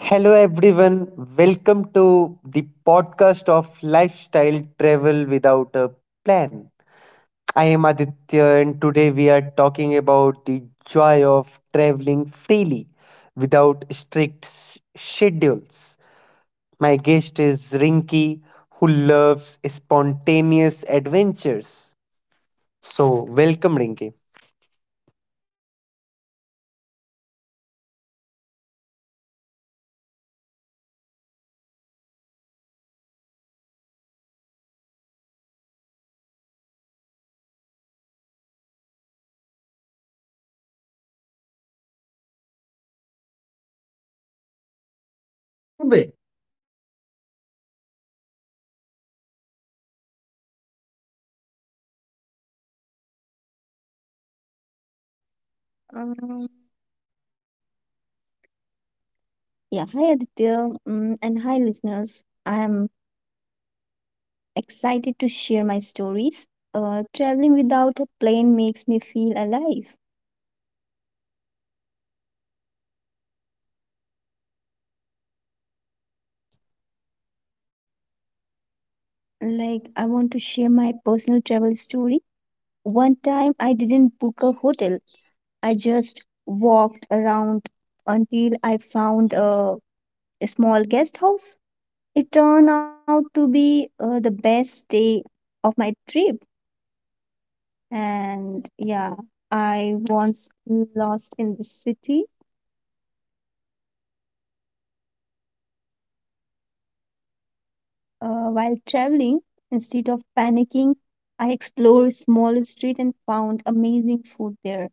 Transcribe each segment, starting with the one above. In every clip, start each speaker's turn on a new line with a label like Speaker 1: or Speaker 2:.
Speaker 1: Hello, everyone. Welcome to the podcast of Lifestyle Travel Without a Plan. I am Aditya, and today we are talking about the joy of traveling freely without strict schedules. My guest is Rinky, who loves spontaneous adventures. So, welcome, Rinky.
Speaker 2: Um, yeah, hi Aditya, and hi listeners. I am excited to share my stories. Traveling without a plane makes me feel alive. Like, I want to share my personal travel story. One time, I didn't book a hotel, I just walked around until I found a small guest house. It turned out to be the best day of my trip. And yeah, I once lost in the city while traveling. Instead of panicking, I explored small street and found amazing food there.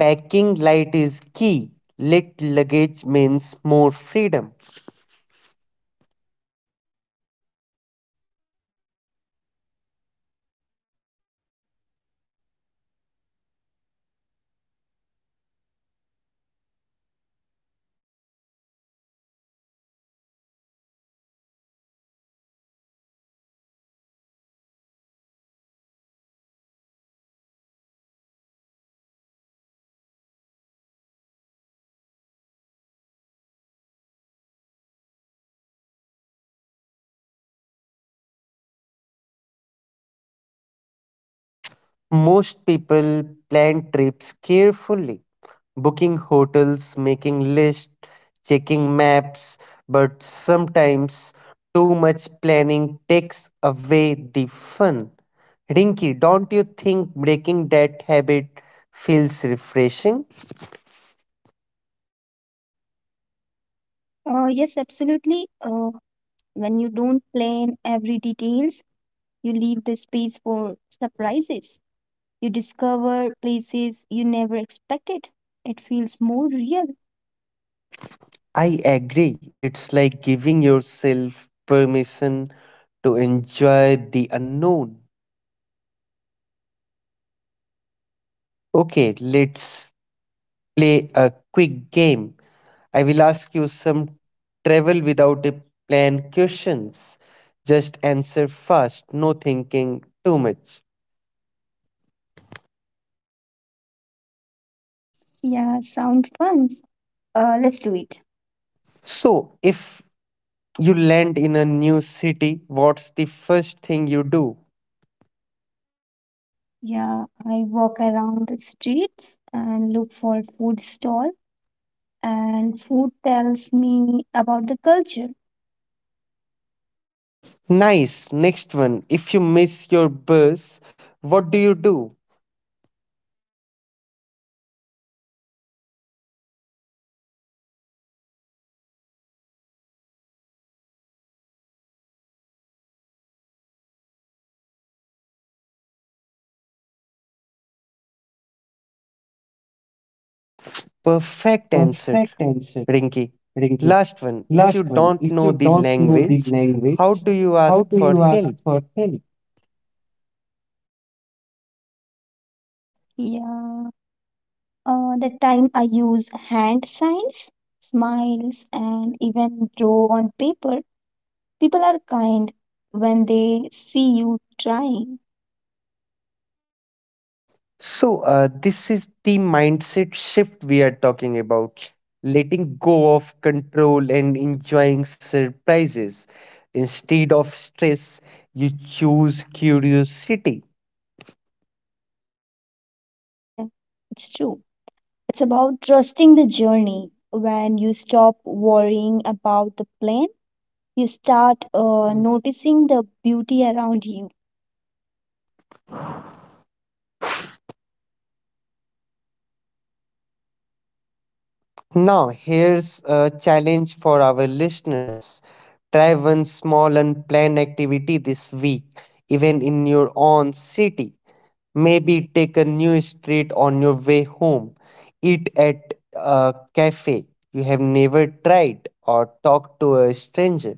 Speaker 1: Packing light is key, lit luggage means more freedom.
Speaker 2: Yeah, Aditya, like budget travel works better when you are flexible. Sometimes last minute deals are cheaper.
Speaker 1: Most people plan trips carefully, booking hotels, making lists, checking maps, but sometimes too much planning takes away the fun. Rinky, don't you think breaking that habit feels refreshing?
Speaker 2: Yes, absolutely. When you don't plan every details, you leave the space for surprises. You discover places you never expected. It feels more real.
Speaker 1: I agree. It's like giving yourself permission to enjoy the unknown. Okay, let's play a quick game. I will ask you some travel without a plan questions. Just answer fast, no thinking too much.
Speaker 2: Yeah, sound fun. Let's do it.
Speaker 1: So, if you land in a new city, what's the first thing you do?
Speaker 2: Yeah, I walk around the streets and look for food stall, and food tells me about the culture.
Speaker 1: Nice. Next one. If you miss your bus, what do you do? Perfect answer,
Speaker 2: Perfect answer,
Speaker 1: Rinky.
Speaker 2: Rinki.
Speaker 1: Last one. If you
Speaker 2: Last one.
Speaker 1: don't
Speaker 2: If
Speaker 1: know
Speaker 2: you
Speaker 1: the
Speaker 2: don't know the
Speaker 1: language, how
Speaker 2: language,
Speaker 1: do you ask
Speaker 2: how do
Speaker 1: for
Speaker 2: you ask
Speaker 1: help?
Speaker 2: for help? Yeah, the time I use hand signs, smiles, and even draw on paper, people are kind when they see you trying.
Speaker 1: So, this is the mindset shift we are talking about, letting go of control and enjoying surprises. Instead of stress, you choose curiosity.
Speaker 2: Yeah, Aditya, it's true. It's about trusting the journey. When you stop worrying about the plan, you start noticing the beauty around you.
Speaker 1: Now, here's a challenge for our listeners: try one small and planned activity this week, even in your own city. Maybe take a new street on your way home, eat at a cafe you have never tried, or talk to a stranger.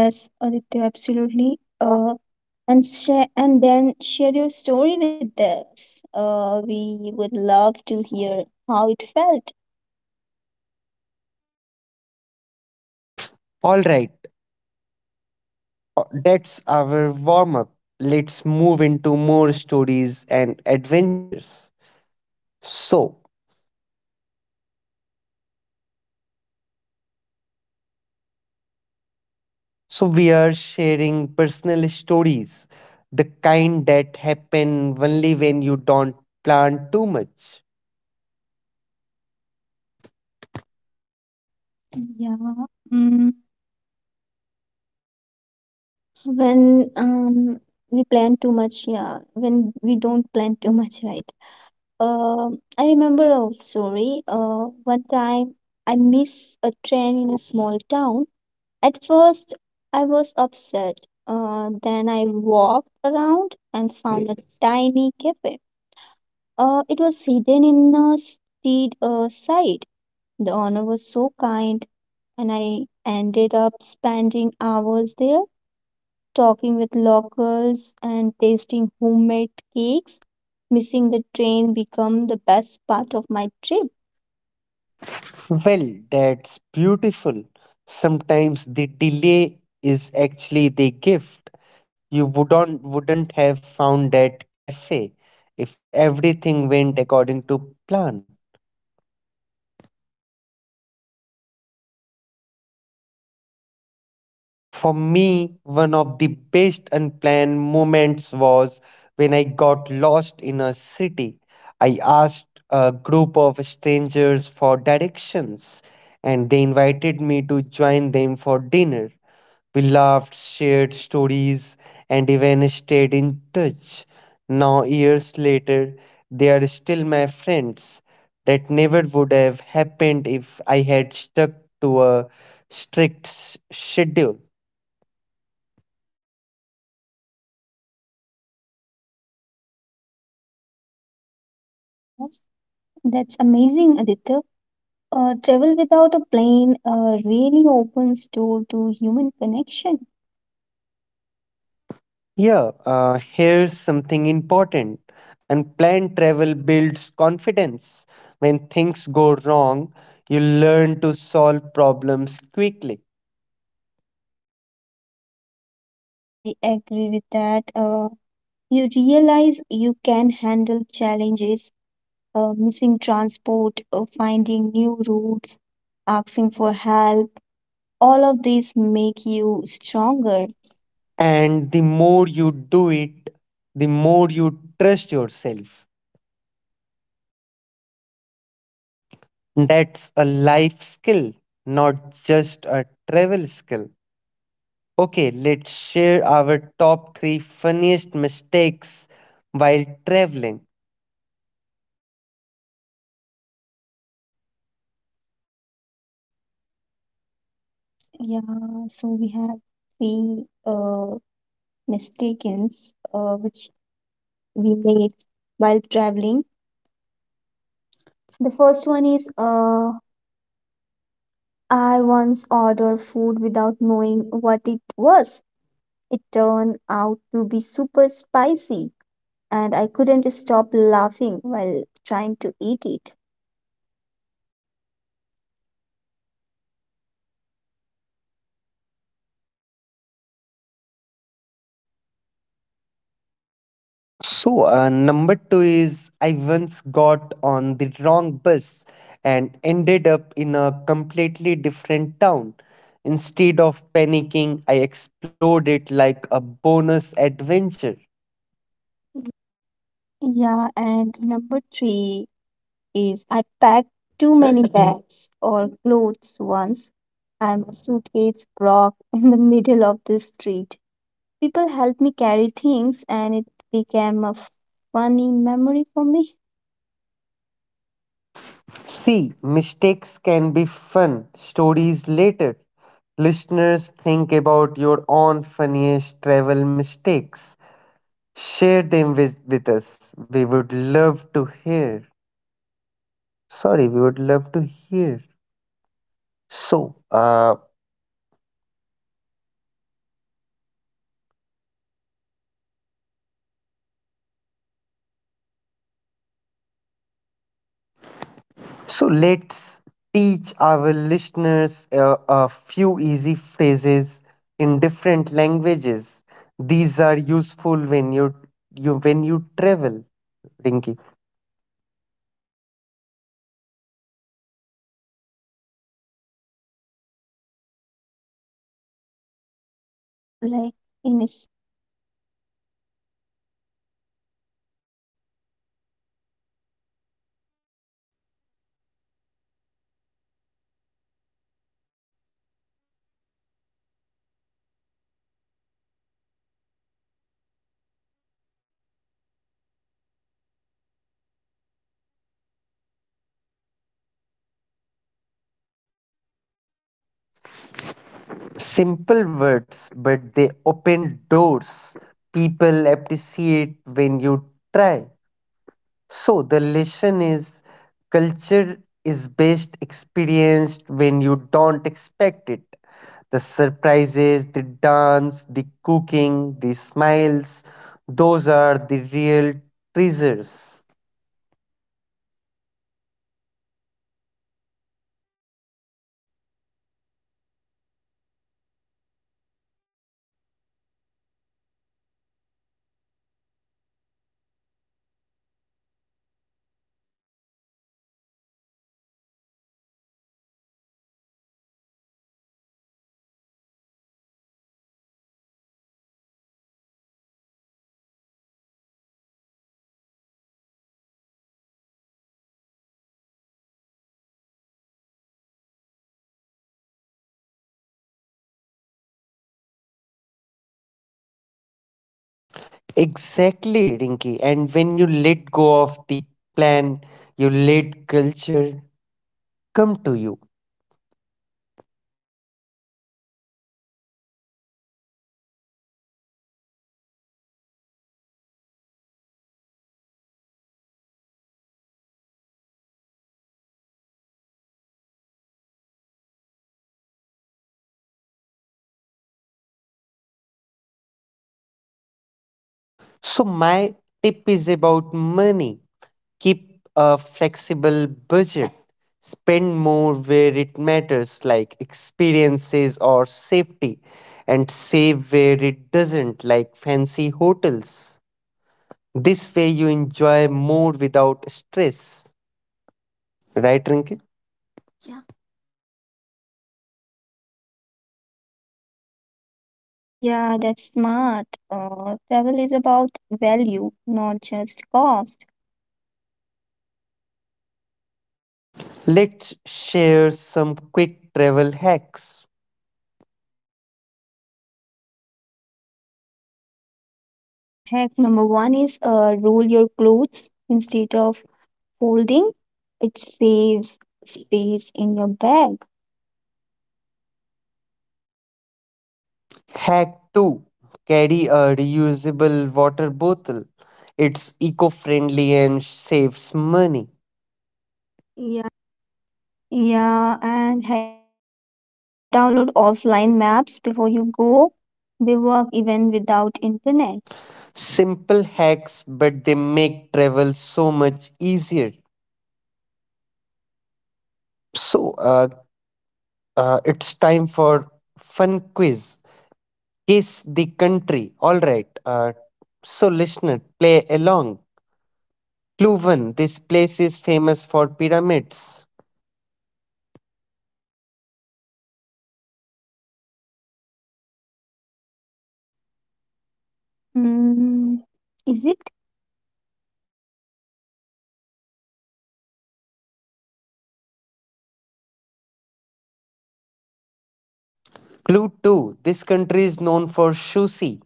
Speaker 2: Yes, Aditya, absolutely. And share and then share your story with us. We would love to hear how it felt.
Speaker 1: All right, that's our warm up. Let's move into more stories and adventures. So, so we are sharing personal stories, the kind that happen only when you don't plan too much.
Speaker 2: Yeah. Mm. When we plan too much, yeah. When we don't plan too much, right? Uh, I remember a story. One time I missed a train in a small town. At first, I was upset. Then I walked around and found a tiny cafe. It was hidden in a steed side. The owner was so kind, and I ended up spending hours there talking with locals and tasting homemade cakes. Missing the train became the best part of my trip.
Speaker 1: Well, that's beautiful. Sometimes the delay is actually the gift. You wouldn't have found that cafe if everything went according to plan. For me, one of the best unplanned moments was when I got lost in a city. I asked a group of strangers for directions, and they invited me to join them for dinner. We laughed, shared stories, and even stayed in touch. Now, years later, they are still my friends. That never would have happened if I had stuck to a strict schedule.
Speaker 2: Yeah, that's amazing, Aditya. Travel without a plane really opens door to human connection.
Speaker 1: Yeah, here's something important. Unplanned travel builds confidence. When things go wrong, you learn to solve problems quickly.
Speaker 2: Yes, I agree with that. You realize you can handle challenges, missing transport, finding new routes, asking for help. All of these make you stronger.
Speaker 1: And the more you do it, the more you trust yourself. That's a life skill, not just a travel skill. Okay, let's share our top three funniest mistakes while traveling.
Speaker 2: Yeah, so we have three mistakes which we made while traveling. The first one is I once ordered food without knowing what it was. It turned out to be super spicy, and I couldn't stop laughing while trying to eat it.
Speaker 1: So, number two is I once got on the wrong bus and ended up in a completely different town. Instead of panicking, I explored it like a bonus adventure.
Speaker 2: Yeah, and number three is I packed too many bags or clothes once, and my suitcase broke in the middle of the street. People helped me carry things, and it became a funny memory for me.
Speaker 1: See, mistakes can be fun stories later. Listeners, think about your own funniest travel mistakes. Share them with us. We would love to hear. Sorry, we would love to hear. So, so let's teach our listeners a few easy phrases in different languages. These are useful when you travel, Rinki.
Speaker 2: Yeah, Aditya, okay. Yeah, it was be fun. It will be fun. Here are some basics like in Spanish, hola means hello. Gracious means thank you. In France, bonjour means hello. Mercy means thank you. In Japanese, konnichiwa means hello. Arigato means thank you.
Speaker 1: Simple words, but they open doors. People appreciate when you try. So the lesson is culture is best experienced when you don't expect it. The surprises, the dance, the cooking, the smiles, those are the real treasures.
Speaker 2: Mm. Yeah. Mm. So the lesson is culture is best experiences, as Aditya said. Yes, and they remind us that travel is not just about places but about people.
Speaker 1: Exactly, Rinky. And when you let go of the plan, you let culture come to you. So, my tip is about money. Keep a flexible budget, spend more where it matters, like experiences or safety, and save where it doesn't, like fancy hotels. This way, you enjoy more without stress. Right, Rinki?
Speaker 2: Yeah, that's smart. Travel is about value, not just cost.
Speaker 1: Let's share some quick travel hacks.
Speaker 2: Yeah, hack number one is roll your clothes instead of folding. It saves space in your bag.
Speaker 1: Hack 2, carry a reusable water bottle. It's eco friendly and saves money.
Speaker 2: Yeah, and hack three, download offline maps before you go. They work even without internet.
Speaker 1: Simple hacks, but they make travel so much easier. So, it's time for fun quiz. Guess the country. All right. So, listener, play along. Clue 1. This place is famous for pyramids.
Speaker 2: Mm, Egypt?
Speaker 1: Clue 2. This country is known for sushi.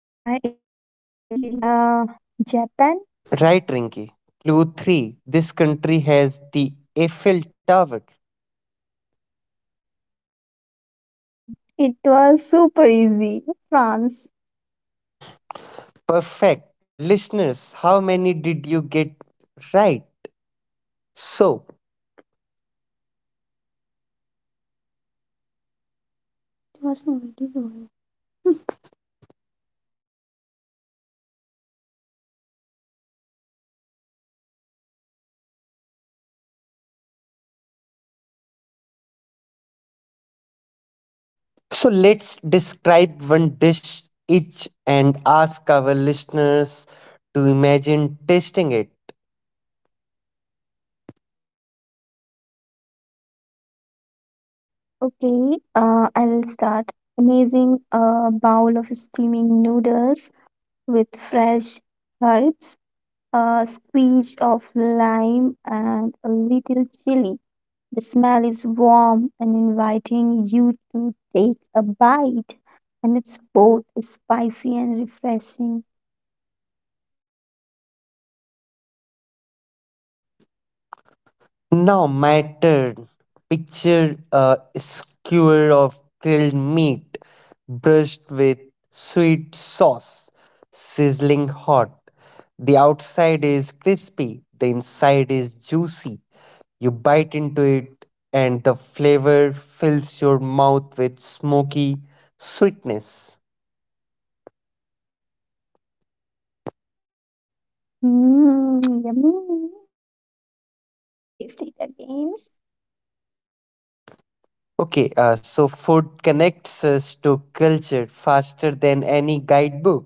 Speaker 2: Yeah, it was easy. Japan?
Speaker 1: Right, Rinky. Clue 3. This country has the Eiffel Tower.
Speaker 2: Yeah, it was super easy. France?
Speaker 1: Perfect. Listeners, how many did you get right? So, So, let's describe one dish each and ask our listeners to imagine tasting it.
Speaker 2: Okay, I will start. Amazing bowl of steaming noodles with fresh herbs, a squeeze of lime, and a little chili. The smell is warm and inviting you to take a bite, and it's both spicy and refreshing.
Speaker 1: Now, my turn. Picture a skewer of grilled meat brushed with sweet sauce, sizzling hot. The outside is crispy, the inside is juicy. You bite into it, and the flavor fills your mouth with smoky sweetness.
Speaker 2: Mm, yummy. I can almost taste it again.
Speaker 1: Okay, so food connects us to culture faster than any guidebook.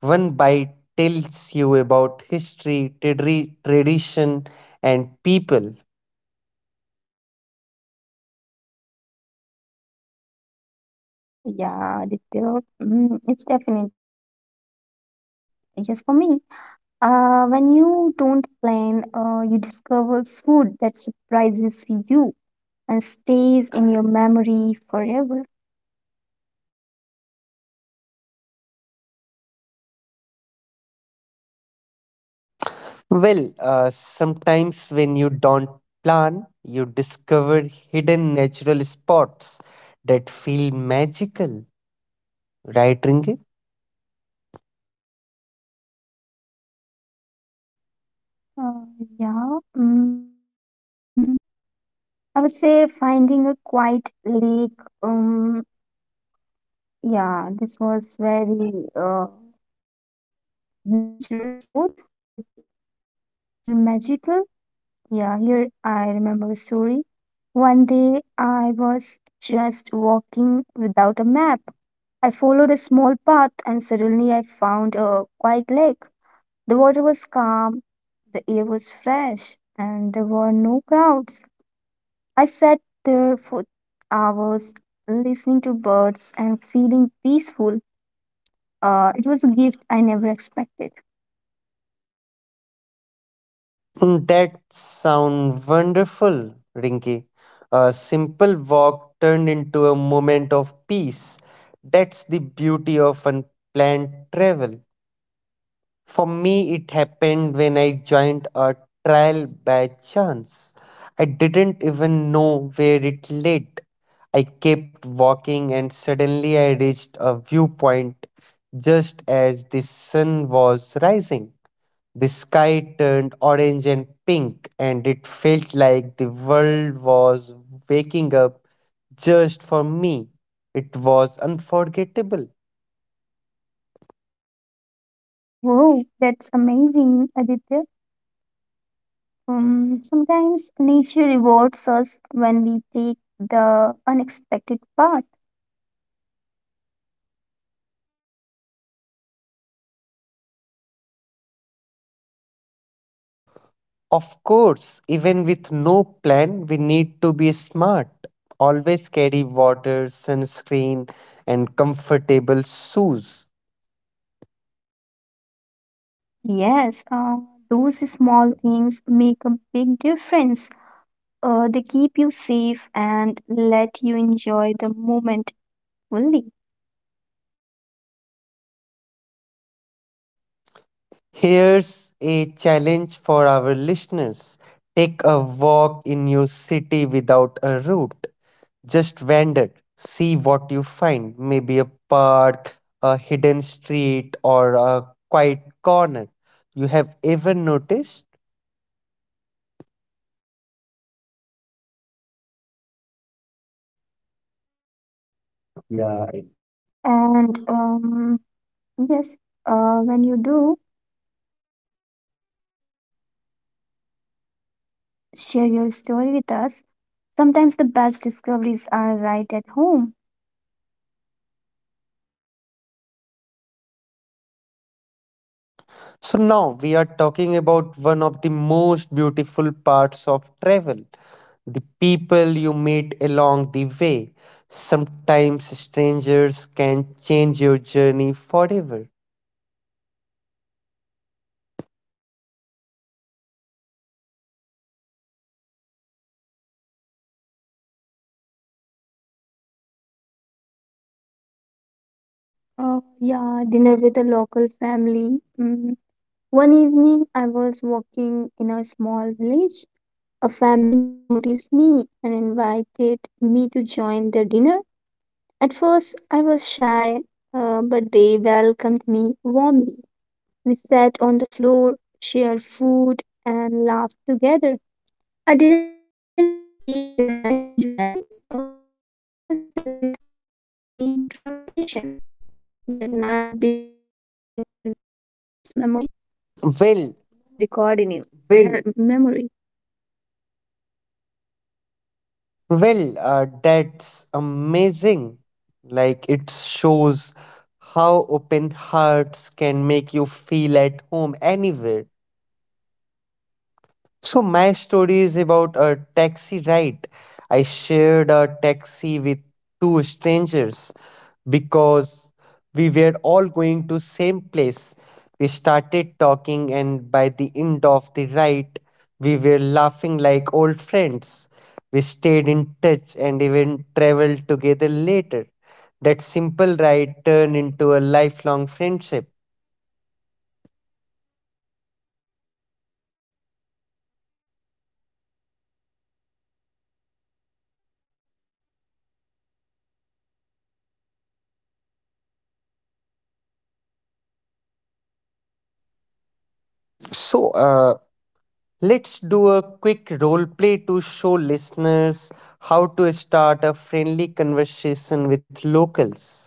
Speaker 1: One bite tells you about history, tradition, and people.
Speaker 2: Yeah, Aditya, mm, it's definitely just for me. When you don't plan, you discover food that surprises you and stays in your memory forever.
Speaker 1: Well, sometimes when you don't plan, you discover hidden natural spots that feel magical, right, Ringe?
Speaker 2: Uh, yeah, mm, I would say finding a quiet lake. Um, yeah, this was very natural sport that feel magical. Yeah, here I remember a story. One day I was just walking without a map. I followed a small path and suddenly I found a quiet lake. The water was calm, the air was fresh, and there were no crowds. I sat there for hours listening to birds and feeling peaceful. It was a gift I never expected.
Speaker 1: Mm, that sound wonderful, Rinky. A simple walk turned into a moment of peace. That's the beauty of unplanned travel. For me, it happened when I joined a trial by chance. I didn't even know where it led. I kept walking and suddenly I reached a viewpoint just as the sun was rising. The sky turned orange and pink, and it felt like the world was waking up just for me. It was unforgettable.
Speaker 2: Whoa, that's amazing, Aditya. Sometimes nature rewards us when we take the unexpected path.
Speaker 1: Of course, even with no plan, we need to be smart. Always carry water, sunscreen, and comfortable shoes.
Speaker 2: Yes, those small things make a big difference. They keep you safe and let you enjoy the moment fully.
Speaker 1: Here's a challenge for our listeners: take a walk in your city without a route. Just wander, see what you find, maybe a park, a hidden street, or a quiet corner. You have ever noticed.
Speaker 2: Yeah, it- And Yes, when you do share your story with us, sometimes the best discoveries are right at home.
Speaker 1: So now we are talking about one of the most beautiful parts of travel, the people you meet along the way. Sometimes strangers can change your journey forever.
Speaker 2: Yeah, dinner with a local family. Mm, one evening, I was walking in a small village. A family noticed me and invited me to join their dinner. At first, I was shy, but they welcomed me warmly. We sat on the floor, shared food, and laughed together. I didn't speak their language well, but kindness doesn't need translation. That night became one of my happiest memory.
Speaker 1: Well,
Speaker 2: Recording it. Memory.
Speaker 1: well, that's amazing. Like it shows how open hearts can make you feel at home anywhere. So my story is about a taxi ride. I shared a taxi with two strangers because we were all going to same place. We started talking and by the end of the ride we were laughing like old friends. We stayed in touch and even traveled together later. That simple ride turned into a lifelong friendship.
Speaker 2: See, that's the magic of unplanned travel. You never know who will you meet.
Speaker 1: So let's do a quick role play to show listeners how to start a friendly conversation with locals.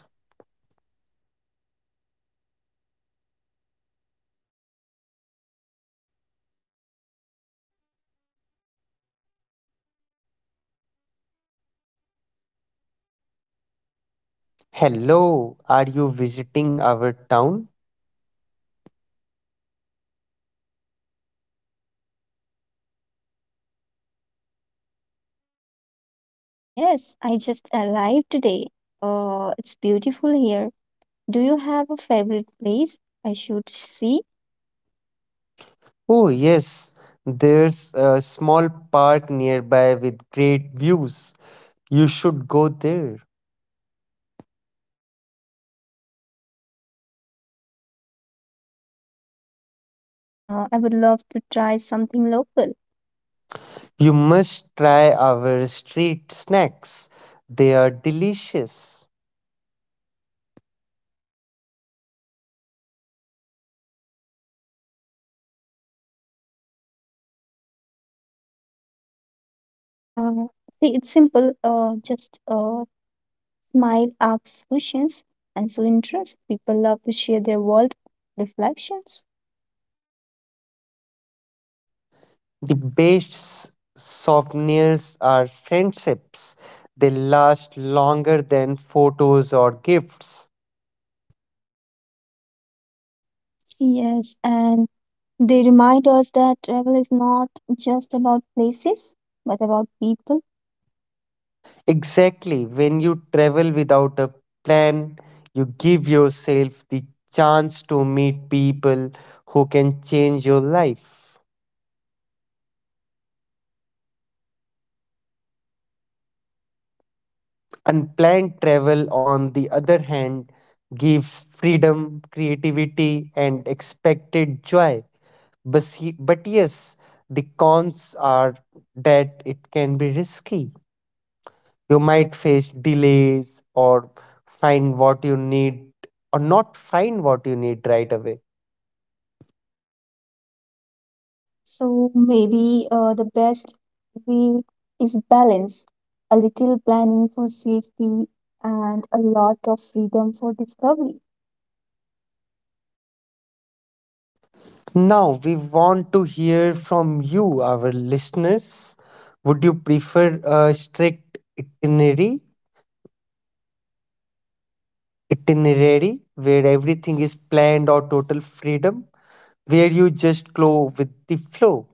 Speaker 2: Okay, I'll be the traveler and you be the local.
Speaker 1: Hello, are you visiting
Speaker 2: Hello,
Speaker 1: our
Speaker 2: are
Speaker 1: town?
Speaker 2: you visiting our town? Yes, I just arrived today. It's beautiful here. Do you have a favorite place I should see?
Speaker 1: Oh, yes, there's a small park nearby with great views. You should go there.
Speaker 2: Yeah, thank you. And what food do you recommend it? I would love to try something local.
Speaker 1: You must try our street snacks, they are delicious.
Speaker 2: Yeah, see, it's simple. Just Smile, ask questions, and so interest. People love to share their world reflections.
Speaker 1: The best souvenirs are friendships. They last longer than photos or gifts.
Speaker 2: Yes, and they remind us that travel is not just about places, but about people.
Speaker 1: Exactly. When you travel without a plan, you give yourself the chance to meet people who can change your life. Unplanned travel, on the other hand, gives freedom, creativity, and expected joy. But, but yes, the cons are that it can be risky. You might face delays or find what you need or not find what you need right away.
Speaker 2: So maybe the best way is balance, a little planning for safety and a lot of freedom for discovery.
Speaker 1: Now, we want to hear from you, our listeners. Would you prefer a strict itinerary where everything is planned, or total freedom, where you just go with the flow?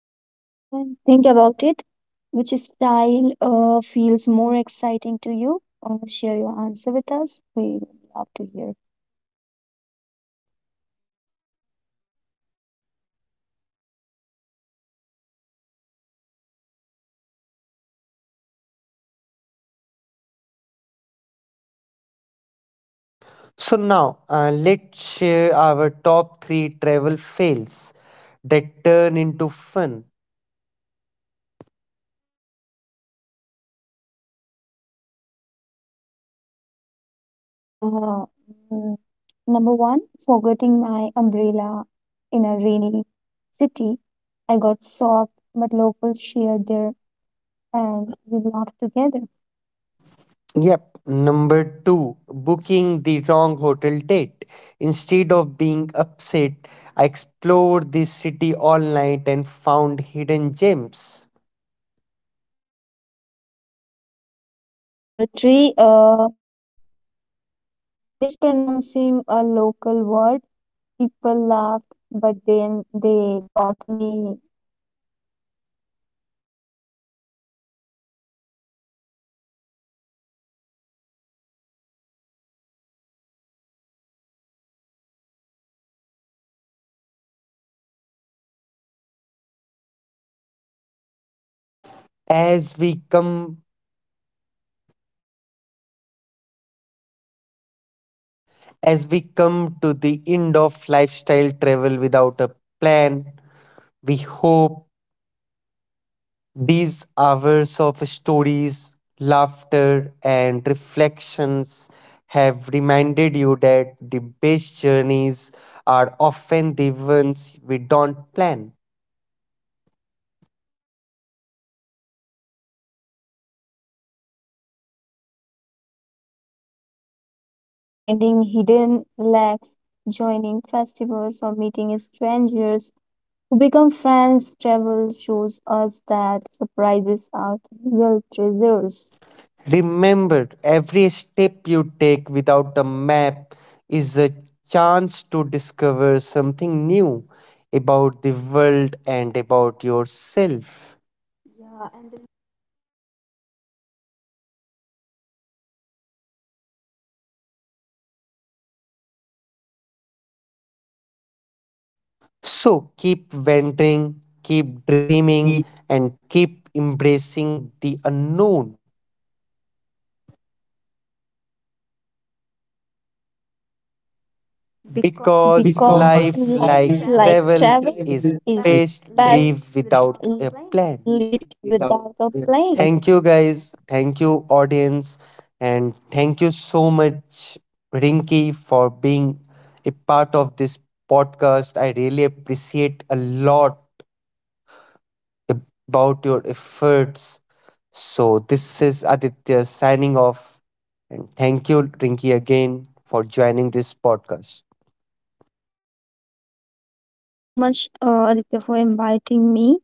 Speaker 2: Yeah, and think about it. Which style feels more exciting to you? Share your answer with us. We would love to hear.
Speaker 1: So now let's share our top three travel fails that turn into fun.
Speaker 2: Yeah. Mm, number one, forgetting my umbrella in a rainy city. I got soaked, but locals shared their and we laughed together.
Speaker 1: Yep. Number two, booking the wrong hotel date. Instead of being upset, I explored the city all night and found hidden gems.
Speaker 2: Yeah. Number three, mispronouncing a local word. People laughed, but then they taught me,
Speaker 1: As we come As we come to the end of lifestyle travel without a plan, we hope these hours of stories, laughter, and reflections have reminded you that the best journeys are often the ones we don't plan.
Speaker 2: yes, whether it's finding hidden lacks, joining festivals, or meeting strangers who become friends, travel shows us that surprises are real treasures.
Speaker 1: Remember, every step you take without a map is a chance to discover something new about the world and about yourself.
Speaker 2: Yeah, and the lesson we learn patience, kindness, and creativity, joy stay with us long after the trip ends. So
Speaker 1: So
Speaker 2: keep
Speaker 1: keep
Speaker 2: venting,
Speaker 1: venturing,
Speaker 2: keep
Speaker 1: keep
Speaker 2: dreaming,
Speaker 1: dreaming, and
Speaker 2: and keep.
Speaker 1: keep embracing the unknown because because
Speaker 2: Because
Speaker 1: life,
Speaker 2: life,
Speaker 1: like
Speaker 2: like
Speaker 1: travel,
Speaker 2: travel,
Speaker 1: is
Speaker 2: is
Speaker 1: best
Speaker 2: best
Speaker 1: live without
Speaker 2: lived
Speaker 1: a
Speaker 2: without
Speaker 1: plan.
Speaker 2: a plan.
Speaker 1: Thank you, guys. Thank you, audience. And thank you so much, Rinky, for being a part of this podcast. I really appreciate a lot about your efforts. So, this is Aditya signing off. And thank you, Rinki, again for joining this podcast.
Speaker 2: Yeah, thank you so much, Aditya, for inviting me.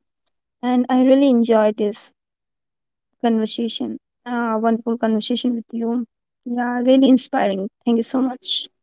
Speaker 2: And I really enjoyed this conversation, wonderful conversation with you. Yeah, really inspiring. Thank you so much.